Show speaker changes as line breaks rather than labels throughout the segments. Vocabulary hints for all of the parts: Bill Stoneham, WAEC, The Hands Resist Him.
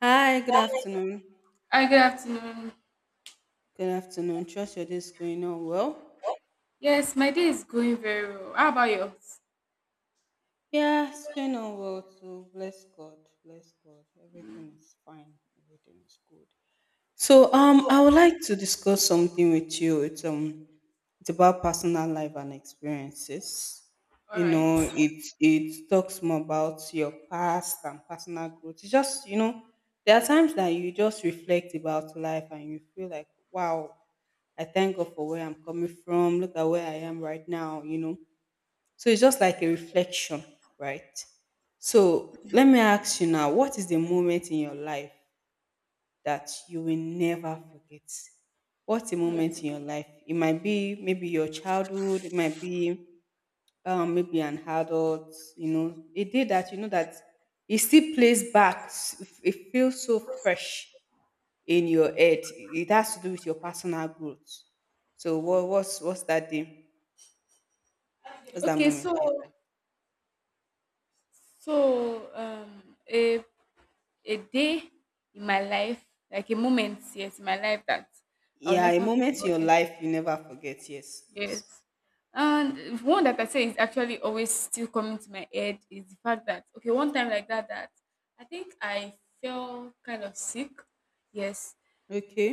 Hi, good afternoon.
Hi, good afternoon.
Good afternoon. Trust your day is going on well.
Yes, my day is going very well. How about yours?
Yeah, it's going on well too. Bless God. Bless God. Everything is fine. Everything is good. So I would like to discuss something with you. It's about personal life and experiences.
All
You
right.
know, it talks more about your past and personal growth. It's just you know, there are times that you just reflect about life and you feel like, wow, I thank God for where I'm coming from. Look at where I am right now. You know, so it's just like a reflection, right? So let me ask you now, what is the moment in your life that you will never forget? What's a moment in your life? It might be maybe your childhood, it might be maybe an adult, you know, a day that you know that it still plays back. It feels so fresh in your head. It has to do with your personal growth. So what's that day? What's that
Okay,
moment
so
in your life?
so um a a day in my life, like a moment, yes, in my life that I'll
Yeah, a
never
moment in your
forget.
life you never forget. Yes,
Yes.
yes.
And one that I say is actually always still coming to my head is the fact that okay, one time like that I think I felt kind of sick. Yes.
Okay,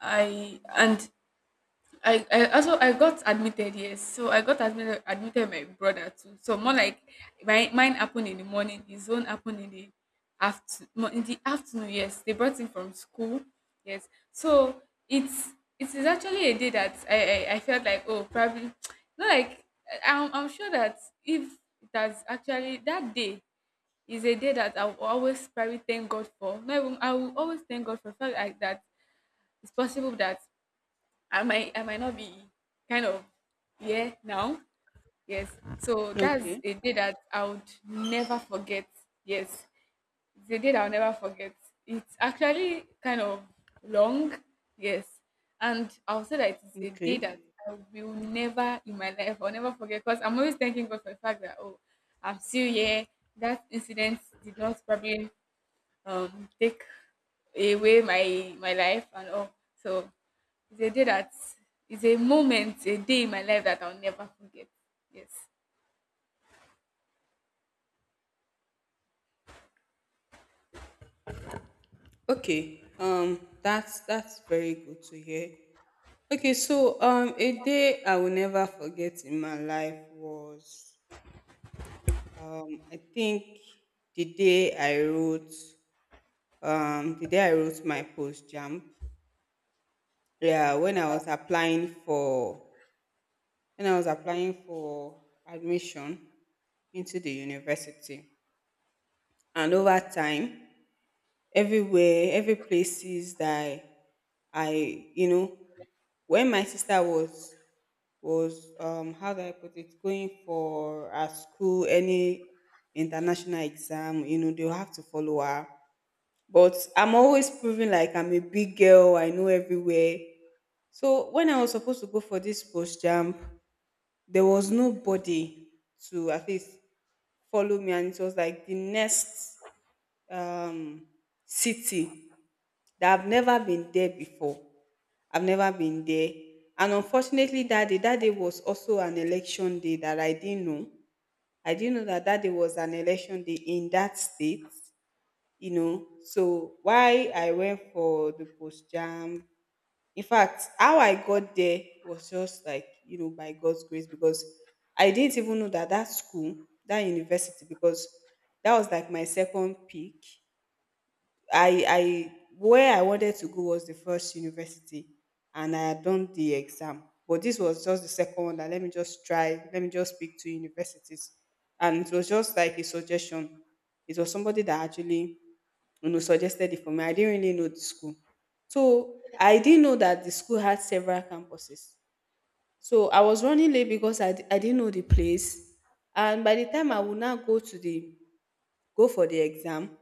I and I, I also I got admitted. Yes. So I got admitted. My brother too. So more like my mine happened in the morning, his own happened in the after no, in the afternoon. Yes, they brought him from school. Yes. So it's it is actually a day that I felt like, oh, probably not like I'm sure that if that's actually that day is a day that I will always probably thank God for not even I will always thank God for felt like that. It's possible that I might not be kind of, yeah, now. Yes. So that's
okay,
a day that I would never forget. Yes. It's a day that I'll never forget. It's actually kind of long. Yes. And I'll say that it's a day
okay.
that I will never in my life, I'll never forget because I'm always thanking God for the fact that, oh, I'm still here. That incident did not probably take away my life and all. So it's a day that is a moment, a day in my life that I'll never forget. Yes.
Okay. That's very good to hear. Okay, so a day I will never forget in my life was I think the day I wrote the day I wrote my post jump. Yeah, when I was applying for when I was applying for admission into the university. And over time everywhere, every places that I you know, when my sister was, how do I put it, going for a school, any international exam, you know, they'll have to follow her. But I'm always proving like I'm a big girl, I know everywhere. So when I was supposed to go for this post jump, there was nobody to at least follow me, and it was like the next um, city that I've never been there before. I've never been there. And unfortunately, that day was also an election day that I didn't know. I didn't know that that day was an election day in that state, you know. So why I went for the post jam. In fact, how I got there was just like, you know, by God's grace, because I didn't even know that that school, that university, because that was like my second pick. I where I wanted to go was the first university and I had done the exam. But this was just the second one that let me just try, let me just speak to universities. And it was just like a suggestion. It was somebody that actually, you know, suggested it for me. I didn't really know the school. So I didn't know that the school had several campuses. So I was running late because I didn't know the place. And by the time I would now go to the go for the exam.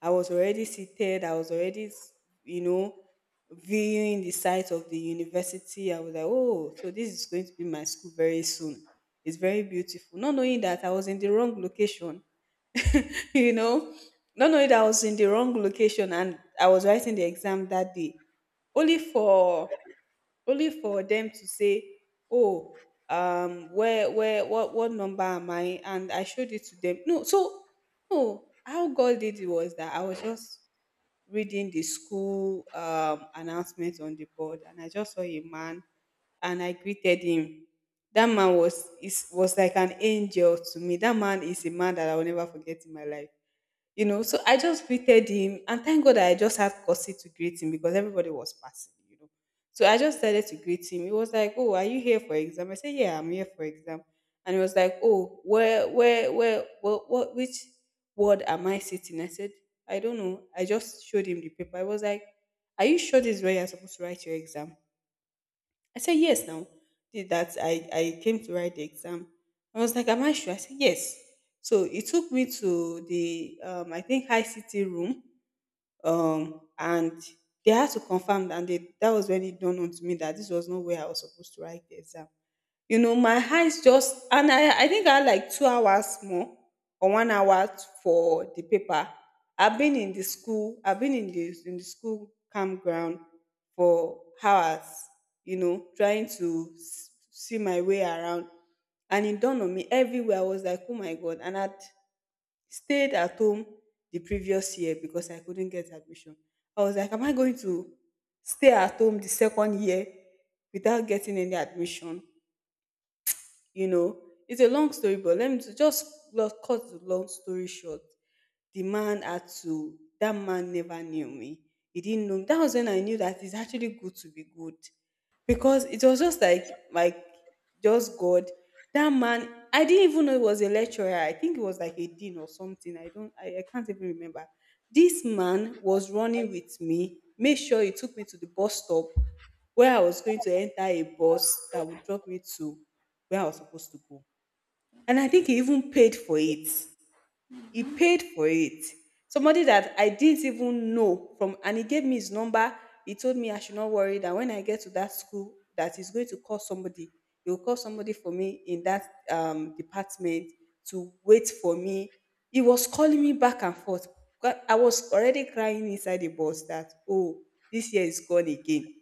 I was already seated. I was already, you know, viewing the site of the university. I was like, oh, so this is going to be my school very soon. It's very beautiful. Not knowing that I was in the wrong location, you know, not knowing that I was in the wrong location, and I was writing the exam that day. Only for only for them to say, oh, where, what number am I, and I showed it to them. No, so no, how God did it was that I was just reading the school announcement on the board, and I just saw a man, and I greeted him. That man was like an angel to me. That man is a man that I will never forget in my life, you know. So I just greeted him, and thank God I just had courtesy to greet him because everybody was passing, you know. So I just started to greet him. He was like, "Oh, are you here for exam?" I said, "Yeah, I'm here for exam." And he was like, "Oh, which ward am I sitting?" I said, "I don't know." I just showed him the paper. I was like, "Are you sure this is where you're supposed to write your exam?" I said, yes, now. Did that. I came to write the exam. I was like, am I sure? I said, yes. So it took me to the, I think, ICT room. And they had to confirm. And they, that was when it dawned on to me that this was not where I was supposed to write the exam. You know, my eyes just, and I think I had like 2 hours more or 1 hour for the paper. I've been in the school, I've been in the school campground for hours, you know, trying to see my way around. And it dawned on me everywhere. I was like, oh my God. And I'd stayed at home the previous year because I couldn't get admission. I was like, am I going to stay at home the second year without getting any admission? You know, it's a long story, but let me just cut the long story short. The man had to, that man never knew me. He didn't know me. That was when I knew that it's actually good to be good. Because it was just like, just God. That man, I didn't even know he was a lecturer. I think it was like a dean or something. I don't, I can't even remember. This man was running with me, made sure he took me to the bus stop where I was going to enter a bus that would drop me to where I was supposed to go. And I think he even paid for it. He paid for it. Somebody that I didn't even know from, and he gave me his number. He told me I should not worry that when I get to that school, that he's going to call somebody. He will call somebody for me in that department to wait for me. He was calling me back and forth. I was already crying inside the bus that, oh, this year is gone again,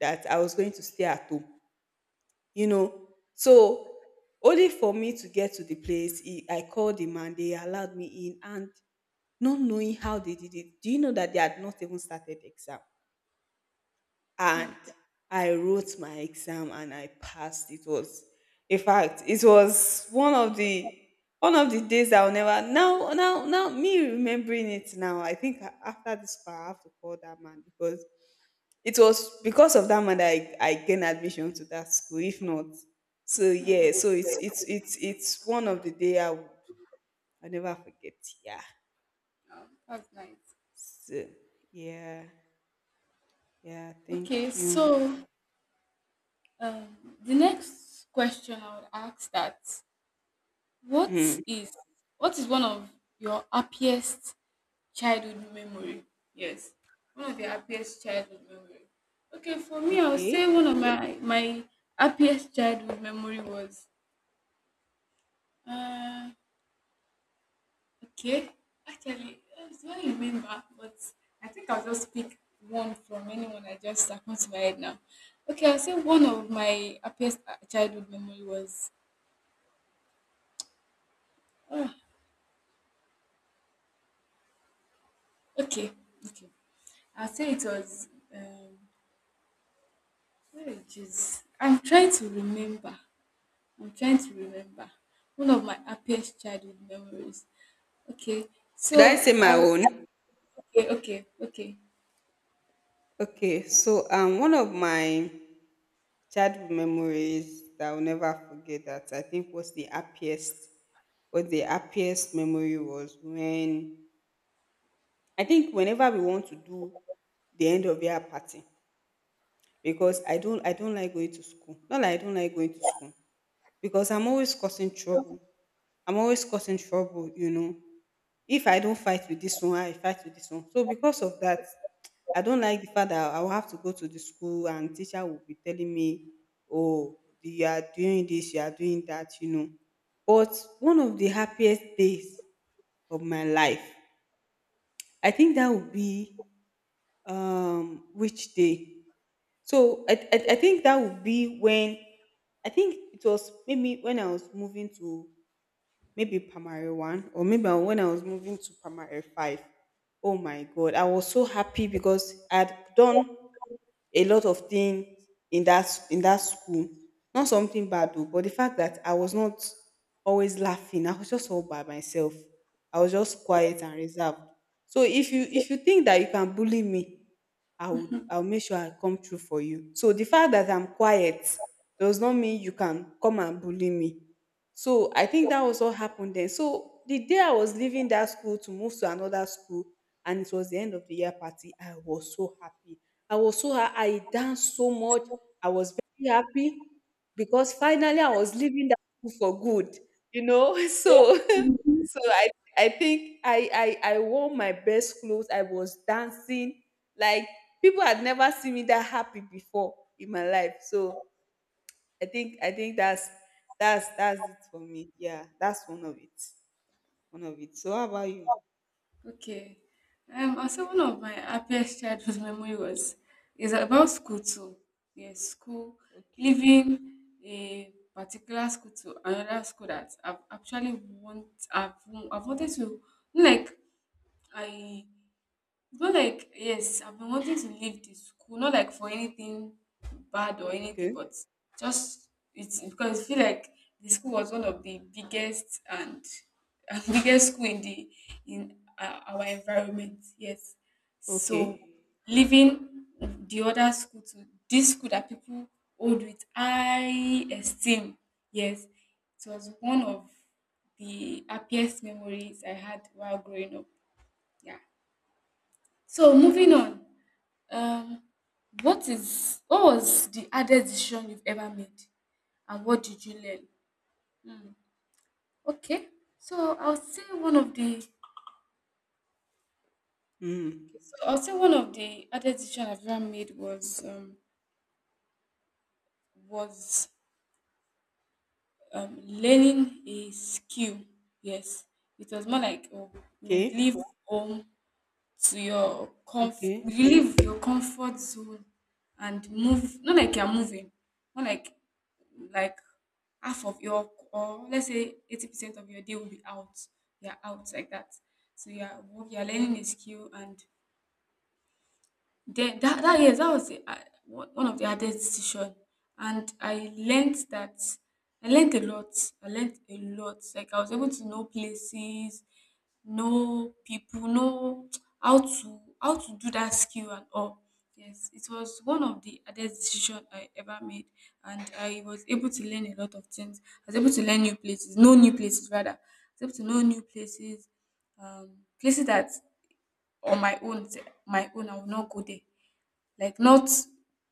that I was going to stay at home, you know. So only for me to get to the place, he, I called him and they allowed me in. And not knowing how they did it, do you know that they had not even started the exam? And I wrote my exam and I passed. It was, in fact, it was one of the days I'll never, now, now, now me remembering it now. I think after this call, I have to call that man because it was because of that man that I gained admission to that school. If not, so yeah, so it's one of the I'll never forget. Yeah.
Oh, that's nice.
So yeah, yeah.
Okay,
Thank you.
so um, the next question I would ask that
Hmm.
what is what is one of your happiest childhood memory? Yes, one of your happiest childhood memory. Okay, for me, I would
Okay.
say one of my happiest childhood memory was uh, okay, actually, I don't remember, but I think I'll just pick one from anyone I can't right now. Okay, I'll say one of my happiest childhood memory was. ah, okay, okay. I'll say it was. Where it is. I'm trying to remember. I'm trying to remember one of my happiest childhood memories. Okay,
Should
so
I say my
I'll.
own?
Okay, okay.
Okay. So one of my childhood memories that I'll never forget that I think was the happiest, but the happiest memory was when I think whenever we want to do the end of year party, because I don't like going to school. Not like I don't like going to school because I'm always causing trouble. I'm always causing trouble, you know. If I don't fight with this one, I fight with this one. So because of that, I don't like the fact that I will have to go to the school and teacher will be telling me, "Oh, you are doing this, you are doing that," you know. But one of the happiest days of my life, I think that would be which day? So I think that would be when I think it was maybe when I was moving to maybe Primary 1, or maybe when I was moving to Primary 5. Oh my God, I was so happy because I'd done a lot of things in that in that school. Not something bad though, but the fact that I was not always laughing, I was just all by myself. I was just quiet and reserved. So if you think that you can bully me, I'll make sure I come through for you. So the fact that I'm quiet does not mean you can come and bully me. So I think that was what happened then. So the day I was leaving that school to move to another school, and it was the end of the year party, I was so happy. I danced so much. I was very happy because finally I was leaving that school for good, you know. So so I I think I wore my best clothes. I was dancing like people had never seen me that happy before in my life. So I think that's it for me. Yeah, that's one of it. One of it. So how about you?
Okay. Also one of my happiest childhood memory was is about school too. Yes, school
Okay.
leaving a particular school to another school that I've, I've wanted to like I but like, yes, I've been wanting to leave the school, not like for anything bad or anything,
Okay.
but just it's because I feel like the school was one of the biggest and, and biggest school in the in our environment. Yes,
Okay.
so leaving the other school to this school that people hold with high esteem. Yes, it was one of the happiest memories I had while growing up. Yeah. So moving on. Um, what is what was the hardest decision you've ever made, and what did you learn? Hmm. Okay, so I'll say one of the okay,
Mm.
so I'll say one of the hardest decision I've ever made was was learning a skill. Yes, it was more like, oh, you
Okay.
would leave home to your
Okay.
leave your comfort zone and move not like you're moving more like like half of your, or let's say 80% of your day will be out, you're out like that. So you're learning a skill, and then that yes, that was one of the hardest decision, and I learned that I learned a lot. I learned a lot. Like I was able to know places, know people, know how to do that skill and all. Yes, it was one of the hardest decision I ever made, and I was able to learn a lot of things. I was able to learn new places, know new places rather. I was able to know new places, places that on my own, I will not go there. Like not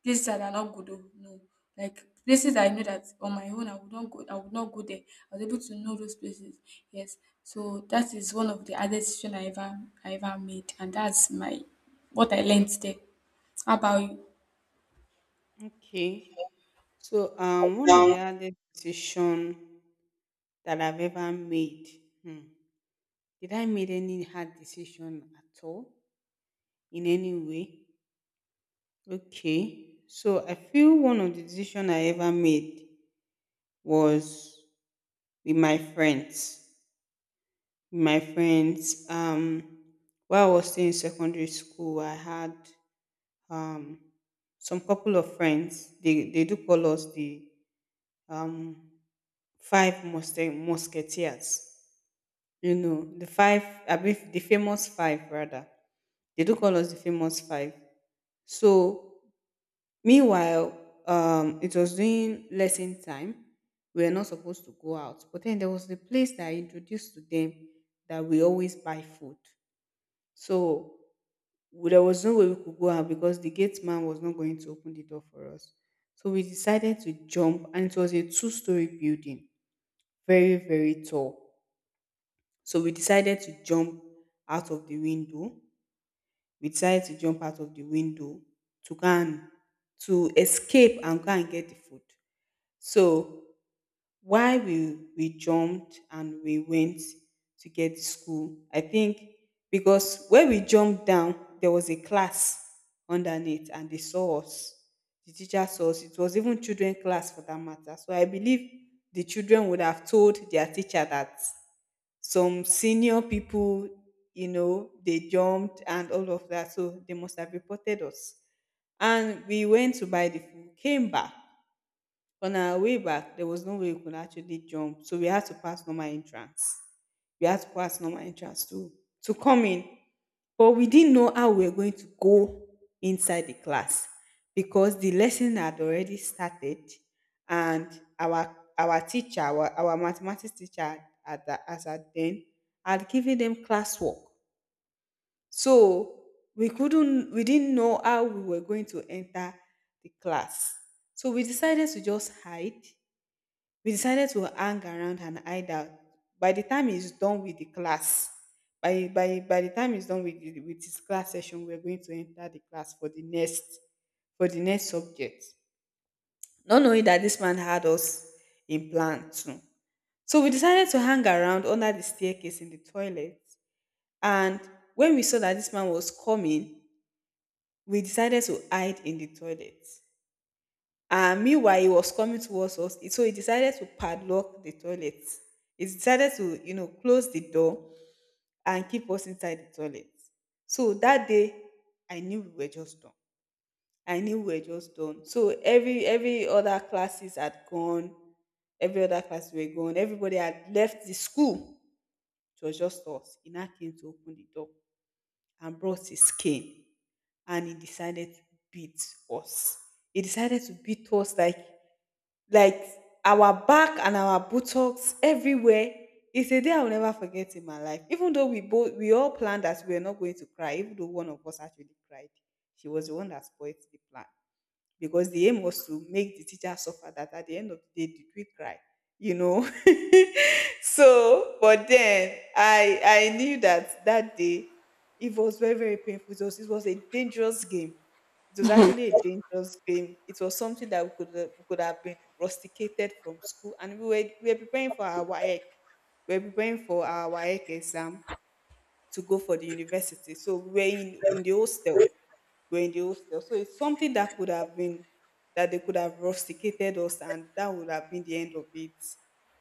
places that are not good, oh, no. Like places that I know that on my own I would not go there. I was able to know those places. Yes. So that is one of the other decision I ever made, and that's my what I learned there. How about you?
Okay. So, one of
Um,
the hardest decision that I've ever made. Hmm. Did I made any hard decision at all in any way? Okay. So I feel one of the decision I ever made was with my friends. With my friends. While I was still in secondary school, I had um some couple of friends. They do call us the um musketeers. You know, the five, I mean, the famous five, rather. They do call us the famous five. So, meanwhile, it was during lesson time. We were not supposed to go out. But then there was the place that I introduced to them that we always buy food. So, there was no way we could go out because the gate man was not going to open the door for us. So, we decided to jump, and it was a two-story building, very, very tall. So we decided to jump out of the window. We decided to jump out of the window to go and to escape and go and get the food. So while we jumped and we went to get the school, I think because when we jumped down, there was a class underneath and they saw us. The teacher saw us. It was even children class for that matter. So I believe the children would have told their teacher that some senior people, you know, they jumped and all of that. So they must have reported us. And we went to buy the food, came back. On our way back, there was no way we could actually jump. So we had to pass normal entrance. We had to pass normal entrance to come in. But we didn't know how we were going to go inside the class because the lesson had already started and our teacher, our mathematics teacher at that as at then had given them classwork. So we didn't know how we were going to enter the class. So we decided to just hide we decided to hang around and hide out. By the time he's done with the class, by the time he's done with the, with his class session, we're going to enter the class for the next subject. Not knowing that this man had us in plan too. So we decided to hang around under the staircase in the toilet. And when we saw that this man was coming, we decided to hide in the toilet. And meanwhile, he was coming towards us. So he decided to padlock the toilet. He decided to, you know, close the door and keep us inside the toilet. So that day, I knew we were just done. I knew we were just done. So every other classes had gone. Every other class were gone. Everybody had left the school. It was just us. He now came to open the door and brought his cane and he decided to beat us. He decided to beat us like our back and our buttocks everywhere. It's a day I'll never forget in my life. Even though we all planned that we were not going to cry, even though one of us actually cried, she was the one that spoiled the plan because the aim was to make the teacher suffer that at the end of the day did we cry you know so but then I knew that that day it was very, very painful. It was a dangerous game. It was actually a dangerous game. It was something that we could have been rusticated from school, and we were preparing for our WAEC. We were preparing for our WAEC exam to go for the university, so we were in the hostel, were in the hostel. So it's something that could have been that they could have rusticated us, and that would have been the end of it,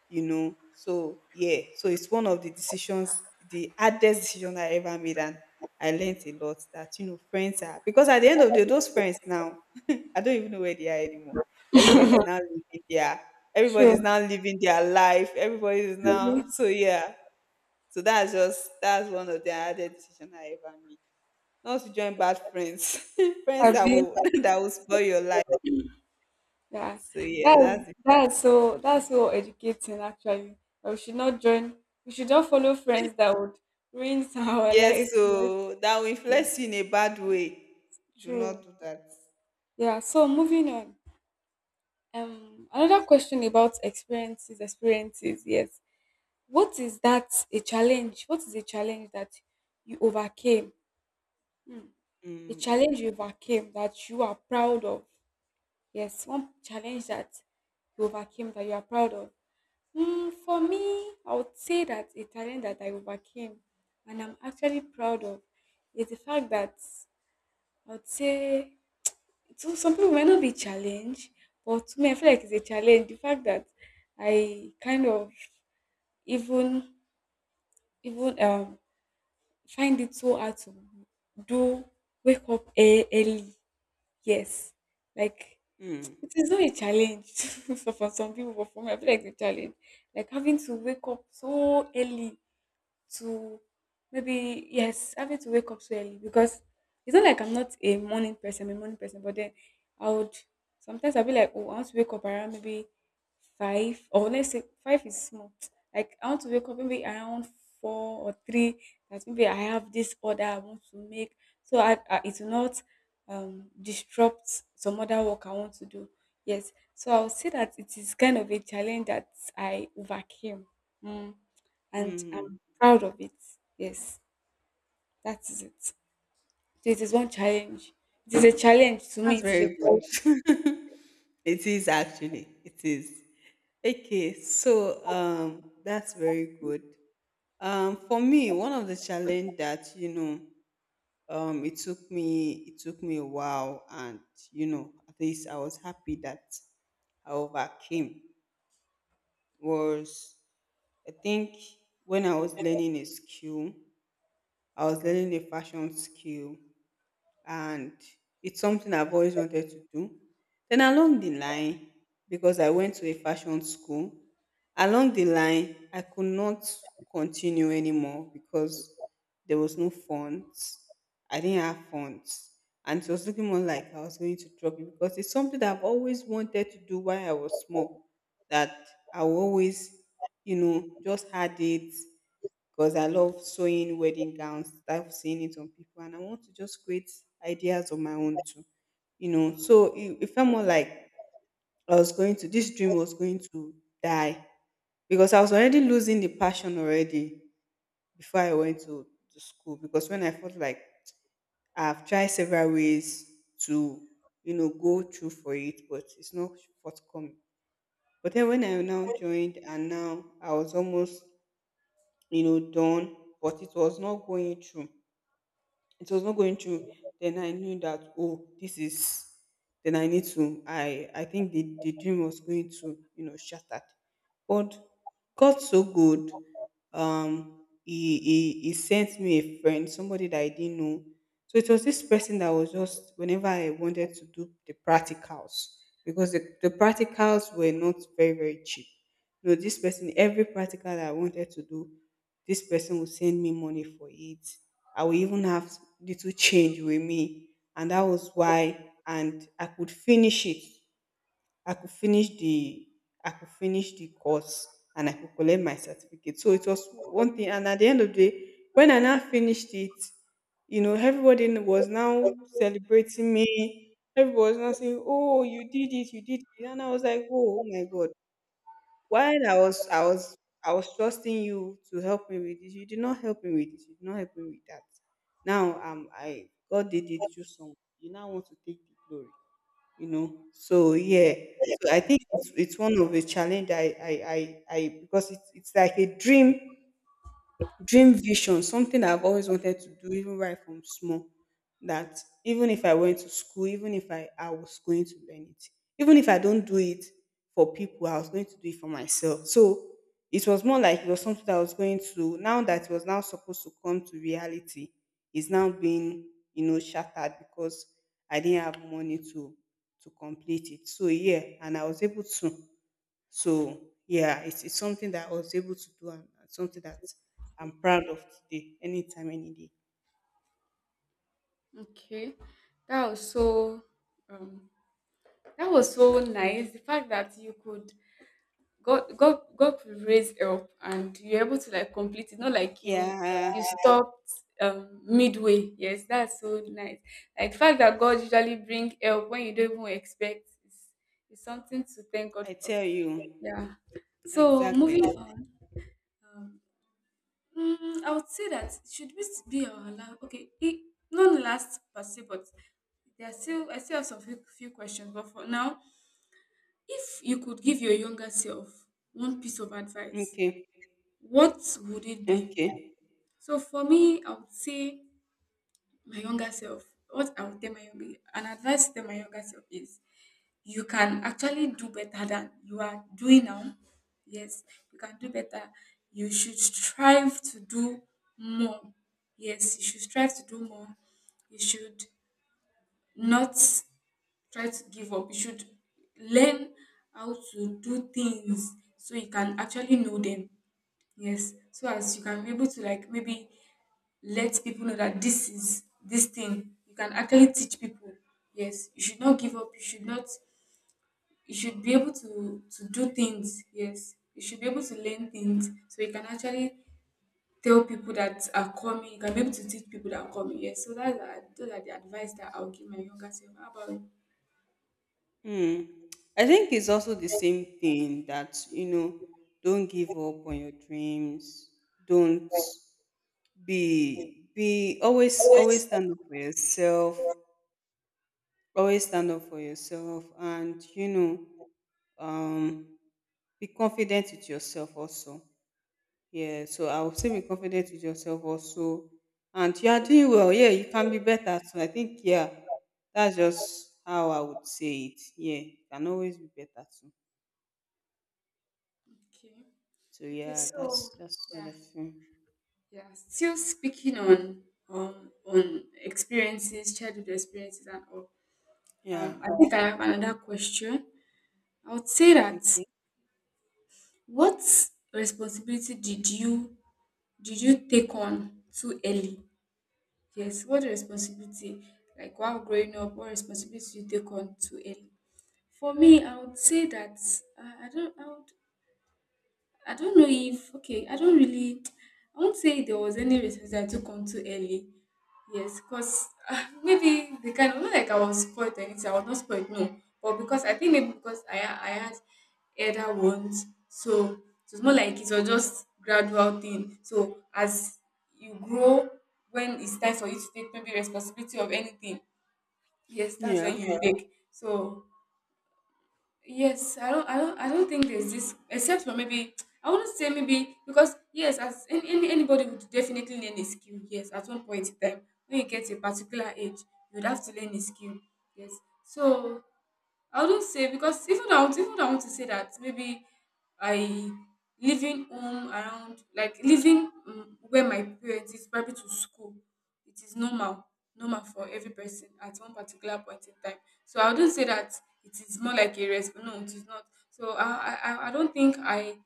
you know. So yeah, so it's one of the decisions, the hardest decision I ever made, and I learned a lot that you know friends are because at the end of the day, those friends now, I don't even know where they are anymore. Everybody's now living their
True.
everybody's now living their life. Everybody's now so yeah. So that's just that's one of the hardest decision I ever made. Not to join bad friends. friends
Have
that
you?
will that will spoil your life.
Yeah.
So yeah,
That's
that's it.
that's so educating actually. But we should not join. We should not follow friends that would ruin our
Yes,
life. Yes.
so that will influence you in a bad way. Do not
True.
do that.
Yeah. So moving on. Another question about experiences, experiences. Yes, what is that a challenge? What is a challenge that you overcame? Hmm. A
Mm,
challenge you overcame that you are proud of. Yes, one challenge that you overcame that you are proud of. Hmm, for me, I would say that a challenge that I overcame and I'm actually proud of is the fact that I would say so some people might not be challenged, but to me, I feel like it's a challenge. The fact that I kind of even even find it so hard to do wake up early. Yes, like
mm,
it is not a challenge so for some people, but for me, I feel like it's a challenge. Like having to wake up so early to maybe yes, having to wake up so early because it's not like I'm not a morning person, I'm a morning person, but then I would sometimes I'll be like, oh, I want to wake up around maybe five, or let's say five is small. Like I want to wake up maybe around four or three. That maybe I have this order I want to make, so I it will not disrupt some other work I want to do. Yes, so I'll say that it is kind of a challenge that I overcame. Mm and
mm.
I'm proud of it. Yes, that is it. So it is one challenge. It is a challenge to me.
That's
It is a
very good.
challenge.
it is actually. It is. Okay, so that's very good. For me, one of the challenge that you know it took me a while, and you know at least I was happy that I overcame was I think when I was learning a skill. I was learning a fashion skill, and it's something I've always wanted to do. Then along the line, because I went to a fashion school, along the line I could not continue anymore because there was no funds. I didn't have funds. And it was looking more like I was going to drop it because it's something that I've always wanted to do while I was small. That I will always, you know, just had it because I love sewing wedding gowns. I've seen it on people, and I want to just create ideas on my own too. You know, so it felt more like I was going to this dream was going to die because I was already losing the passion already before I went to school. Because when I felt like I've tried several ways to you know go through for it, but it's not forthcoming. But then when I now joined, and now I was almost you know done, but it was not going through then I knew that oh this is then I need to I think the dream was going to you know shattered. But god so good. He sent me a friend, somebody that I didn't know. So it was this person that was just whenever I wanted to do the practicals because the practicals were not very, very cheap. No, this person every practical that I wanted to do, this person would send me money for it. I will even have little change with me. And that was why, and I could finish it. I could finish the, I could finish the course and I could collect my certificate. So it was one thing. And at the end of the day, when I now finished it, you know, everybody was now celebrating me. Everybody was now saying, oh, you did it, you did it. And I was like, oh my God. While I was I was I was trusting you to help me with this, you did not help me with this, you did not help me with that. Now I God did it through someone. You now want to take the glory, you know. So yeah. So I think it's one of the challenge I because it's like a dream. Dream vision, something I've always wanted to do, even right from small. That even if I went to school, even if I was going to learn it, even if I don't do it for people, I was going to do it for myself. So it was more like it was something that I was going to, now that it was now supposed to come to reality, it's now being, you know, shattered because I didn't have money to complete it. So yeah, and I was able to. So yeah, it's something that I was able to do and something that I'm proud of today, anytime, any day.
Okay, that was so um, that was so nice. The fact that you could God God could raise help and you're able to like complete it, not like
Yeah,
you stopped midway. Yes, that's so nice. Like the fact that God usually bring help when you don't even expect is something to thank God
I
for.
tell you.
Yeah. So
Exactly.
moving on. Um, I would say that should we be allowed? Okay, it none lasts per se, but there are still I still have some few questions. But for now, if you could give your younger self one piece of advice,
Okay.
what would it be?
Okay.
So for me, I would say my younger self. What I would tell my younger an advice to tell my younger self is you can actually do better than you are doing now. Yes, you can do better. You should strive to do more. Yes, you should strive to do more. You should not try to give up. You should learn how to do things so you can actually know them. Yes, so as you can be able to like maybe let people know that this is this thing. You can actually teach people. Yes, you should not give up. You should not you should be able to do things. Yes, you should be able to learn things so you can actually tell people that are coming. You can be able to teach people that are coming. Yes, so that's those are the advice that I'll give my younger self. How about you?
Hmm. I think it's also the same thing that, you know, don't give up on your dreams. Don't be always stand up for yourself. Always stand up for yourself and you know, um be confident with yourself also. Yeah, so I would say be confident with yourself also. And you are doing well. Yeah, you can be better. So I think, yeah, that's just how I would say it. Yeah, you can always be better too.
Okay,
So
okay,
yeah,
so
that's what
yeah,
I feel.
yeah, still speaking on experiences, childhood experiences and all,
Yeah.
I think I have another question. I would say that
Okay.
what responsibility did you take on too early? Yes, what responsibility, like while growing up, what responsibility you take on too early? For me, I would say that I don't. I don't know if okay, I don't really I won't say there was any response I took on too early. Yes, because maybe the kind of not like I was spoiled or anything, I was not spoiled, no. But because I think maybe because I had elder ones, so it was more like it was just gradual thing. So as you grow, when it's time for you to take maybe responsibility of anything, yes, that's
Yeah.
when you take. So yes, I don't think there's this, except for maybe I wouldn't say maybe because yes, as any anybody would definitely learn a skill. Yes, at one point in time, when you get a particular age, you would have to learn a skill. Yes, so I wouldn't say because even though I would, even though I want to say that maybe I living home around like living where my parents is probably to school. It is normal, normal for every person at one particular point in time. So I wouldn't say that it is more like a resp. No, it is not. So I I don't think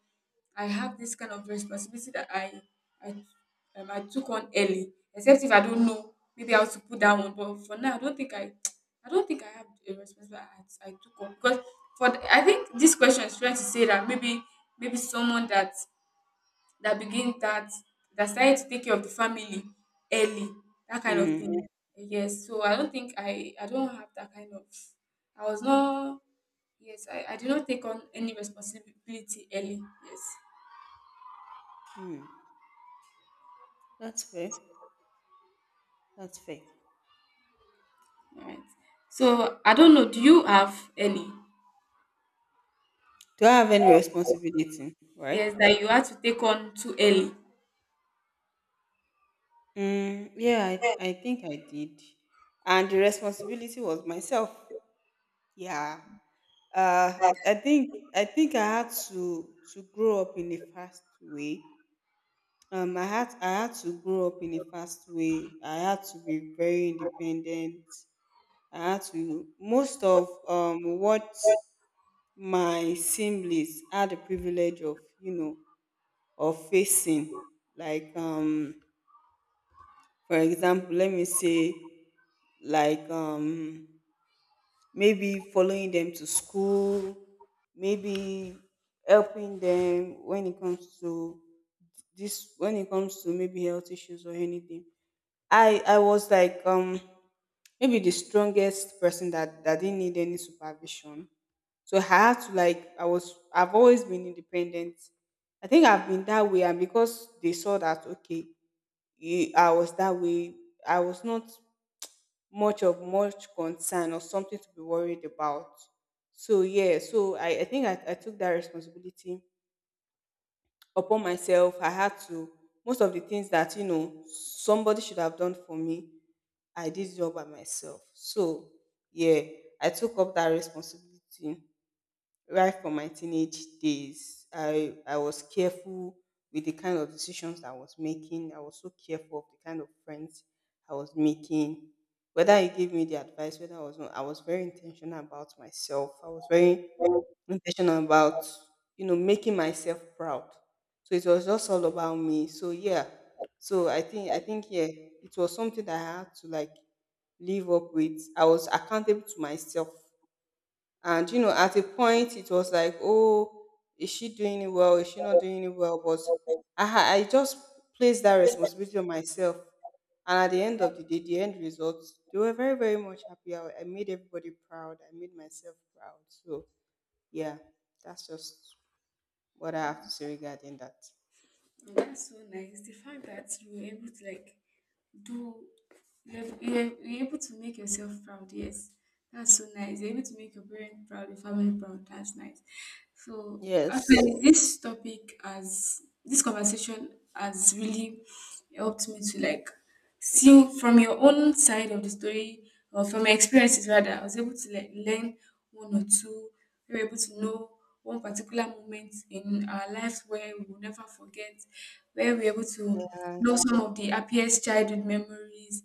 I have this kind of responsibility that I I took on early. Except if I don't know, maybe how to put that one. But for now, I don't think I I don't think I have a responsibility I took on because for the, I think this question is trying to say that maybe maybe someone that that started to take care of the family early, that kind of
Mm.
thing. Yes, so I don't think I don't have that kind of I was not yes I did not take on any responsibility early. Yes.
Mm. That's fair. That's fair.
All right. So I don't know. Do you have any?
Do I have any responsibility? Right?
Yes, that you had to take on too early.
Mm, yeah, I think I did. And the responsibility was myself. Yeah. I think I had to grow up in a fast way. I had to grow up in a fast way. I had to be very independent. I had to most of what my siblings had the privilege of you know of facing. Like for example, let me say like maybe following them to school, maybe helping them when it comes to this when it comes to maybe health issues or anything. I was like maybe the strongest person that didn't need any supervision. So I had to like I've always been independent. I think I've been that way and because they saw that okay, I was that way, I was not much concern or something to be worried about. So yeah, so I took that responsibility upon myself. I had to most of the things that you know somebody should have done for me, I did it all by myself. So yeah, I took up that responsibility right from my teenage days. I was careful with the kind of decisions I was making. I was so careful of the kind of friends I was making. Whether he gave me the advice, whether I was not, I was very intentional about myself. I was very intentional about, you know, making myself proud. So it was just all about me. So yeah. So I think yeah, it was something that I had to like live up with. I was accountable to myself and you know, at a point, it was like, oh, is she doing it well? Is she not doing it well? But I just placed that responsibility on myself. And at the end of the day, the end results, they were very, very much happy. I made everybody proud. I made myself proud. So, yeah, that's just what I have to say regarding that.
That's so nice. The fact that you were able to like do you're able to make yourself proud. Yes, that's so nice. You're able to make your parents proud, your family proud. That's nice. So
Yes.
actually this topic has this conversation has really helped me to like see from your own side of the story or from my experiences rather. I was able to like learn one or two. We were able to know one particular moment in our lives where we will never forget, where we're able to
Yeah.
know some of the happiest childhood memories,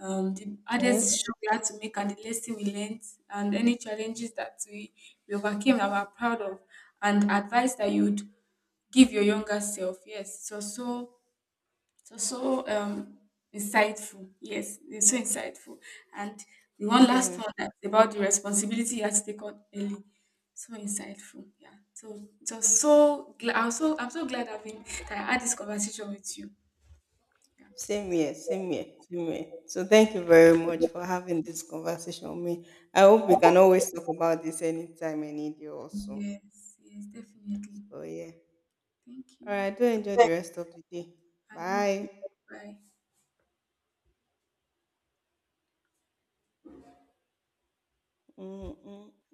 the hardest
Yes.
decision we had to make, and the lesson we learned, and any challenges that we overcame that we're proud of, and advice that you'd give your younger self. Yes, so so so um insightful. Yes, it's so insightful. And the one last
Yeah.
one that's about the responsibility you have to take on early, so insightful. Yeah, so just so glad, I'm so glad I've been that I had this conversation with you.
Same here, same here, same here. So thank you very much for having this conversation with me. I hope we can always talk about this anytime I need you also.
Yes, yes, definitely.
So yeah.
Thank
All
you.
right, do enjoy the rest of the day.
And you too.
Bye.
Bye.
Mm, mm.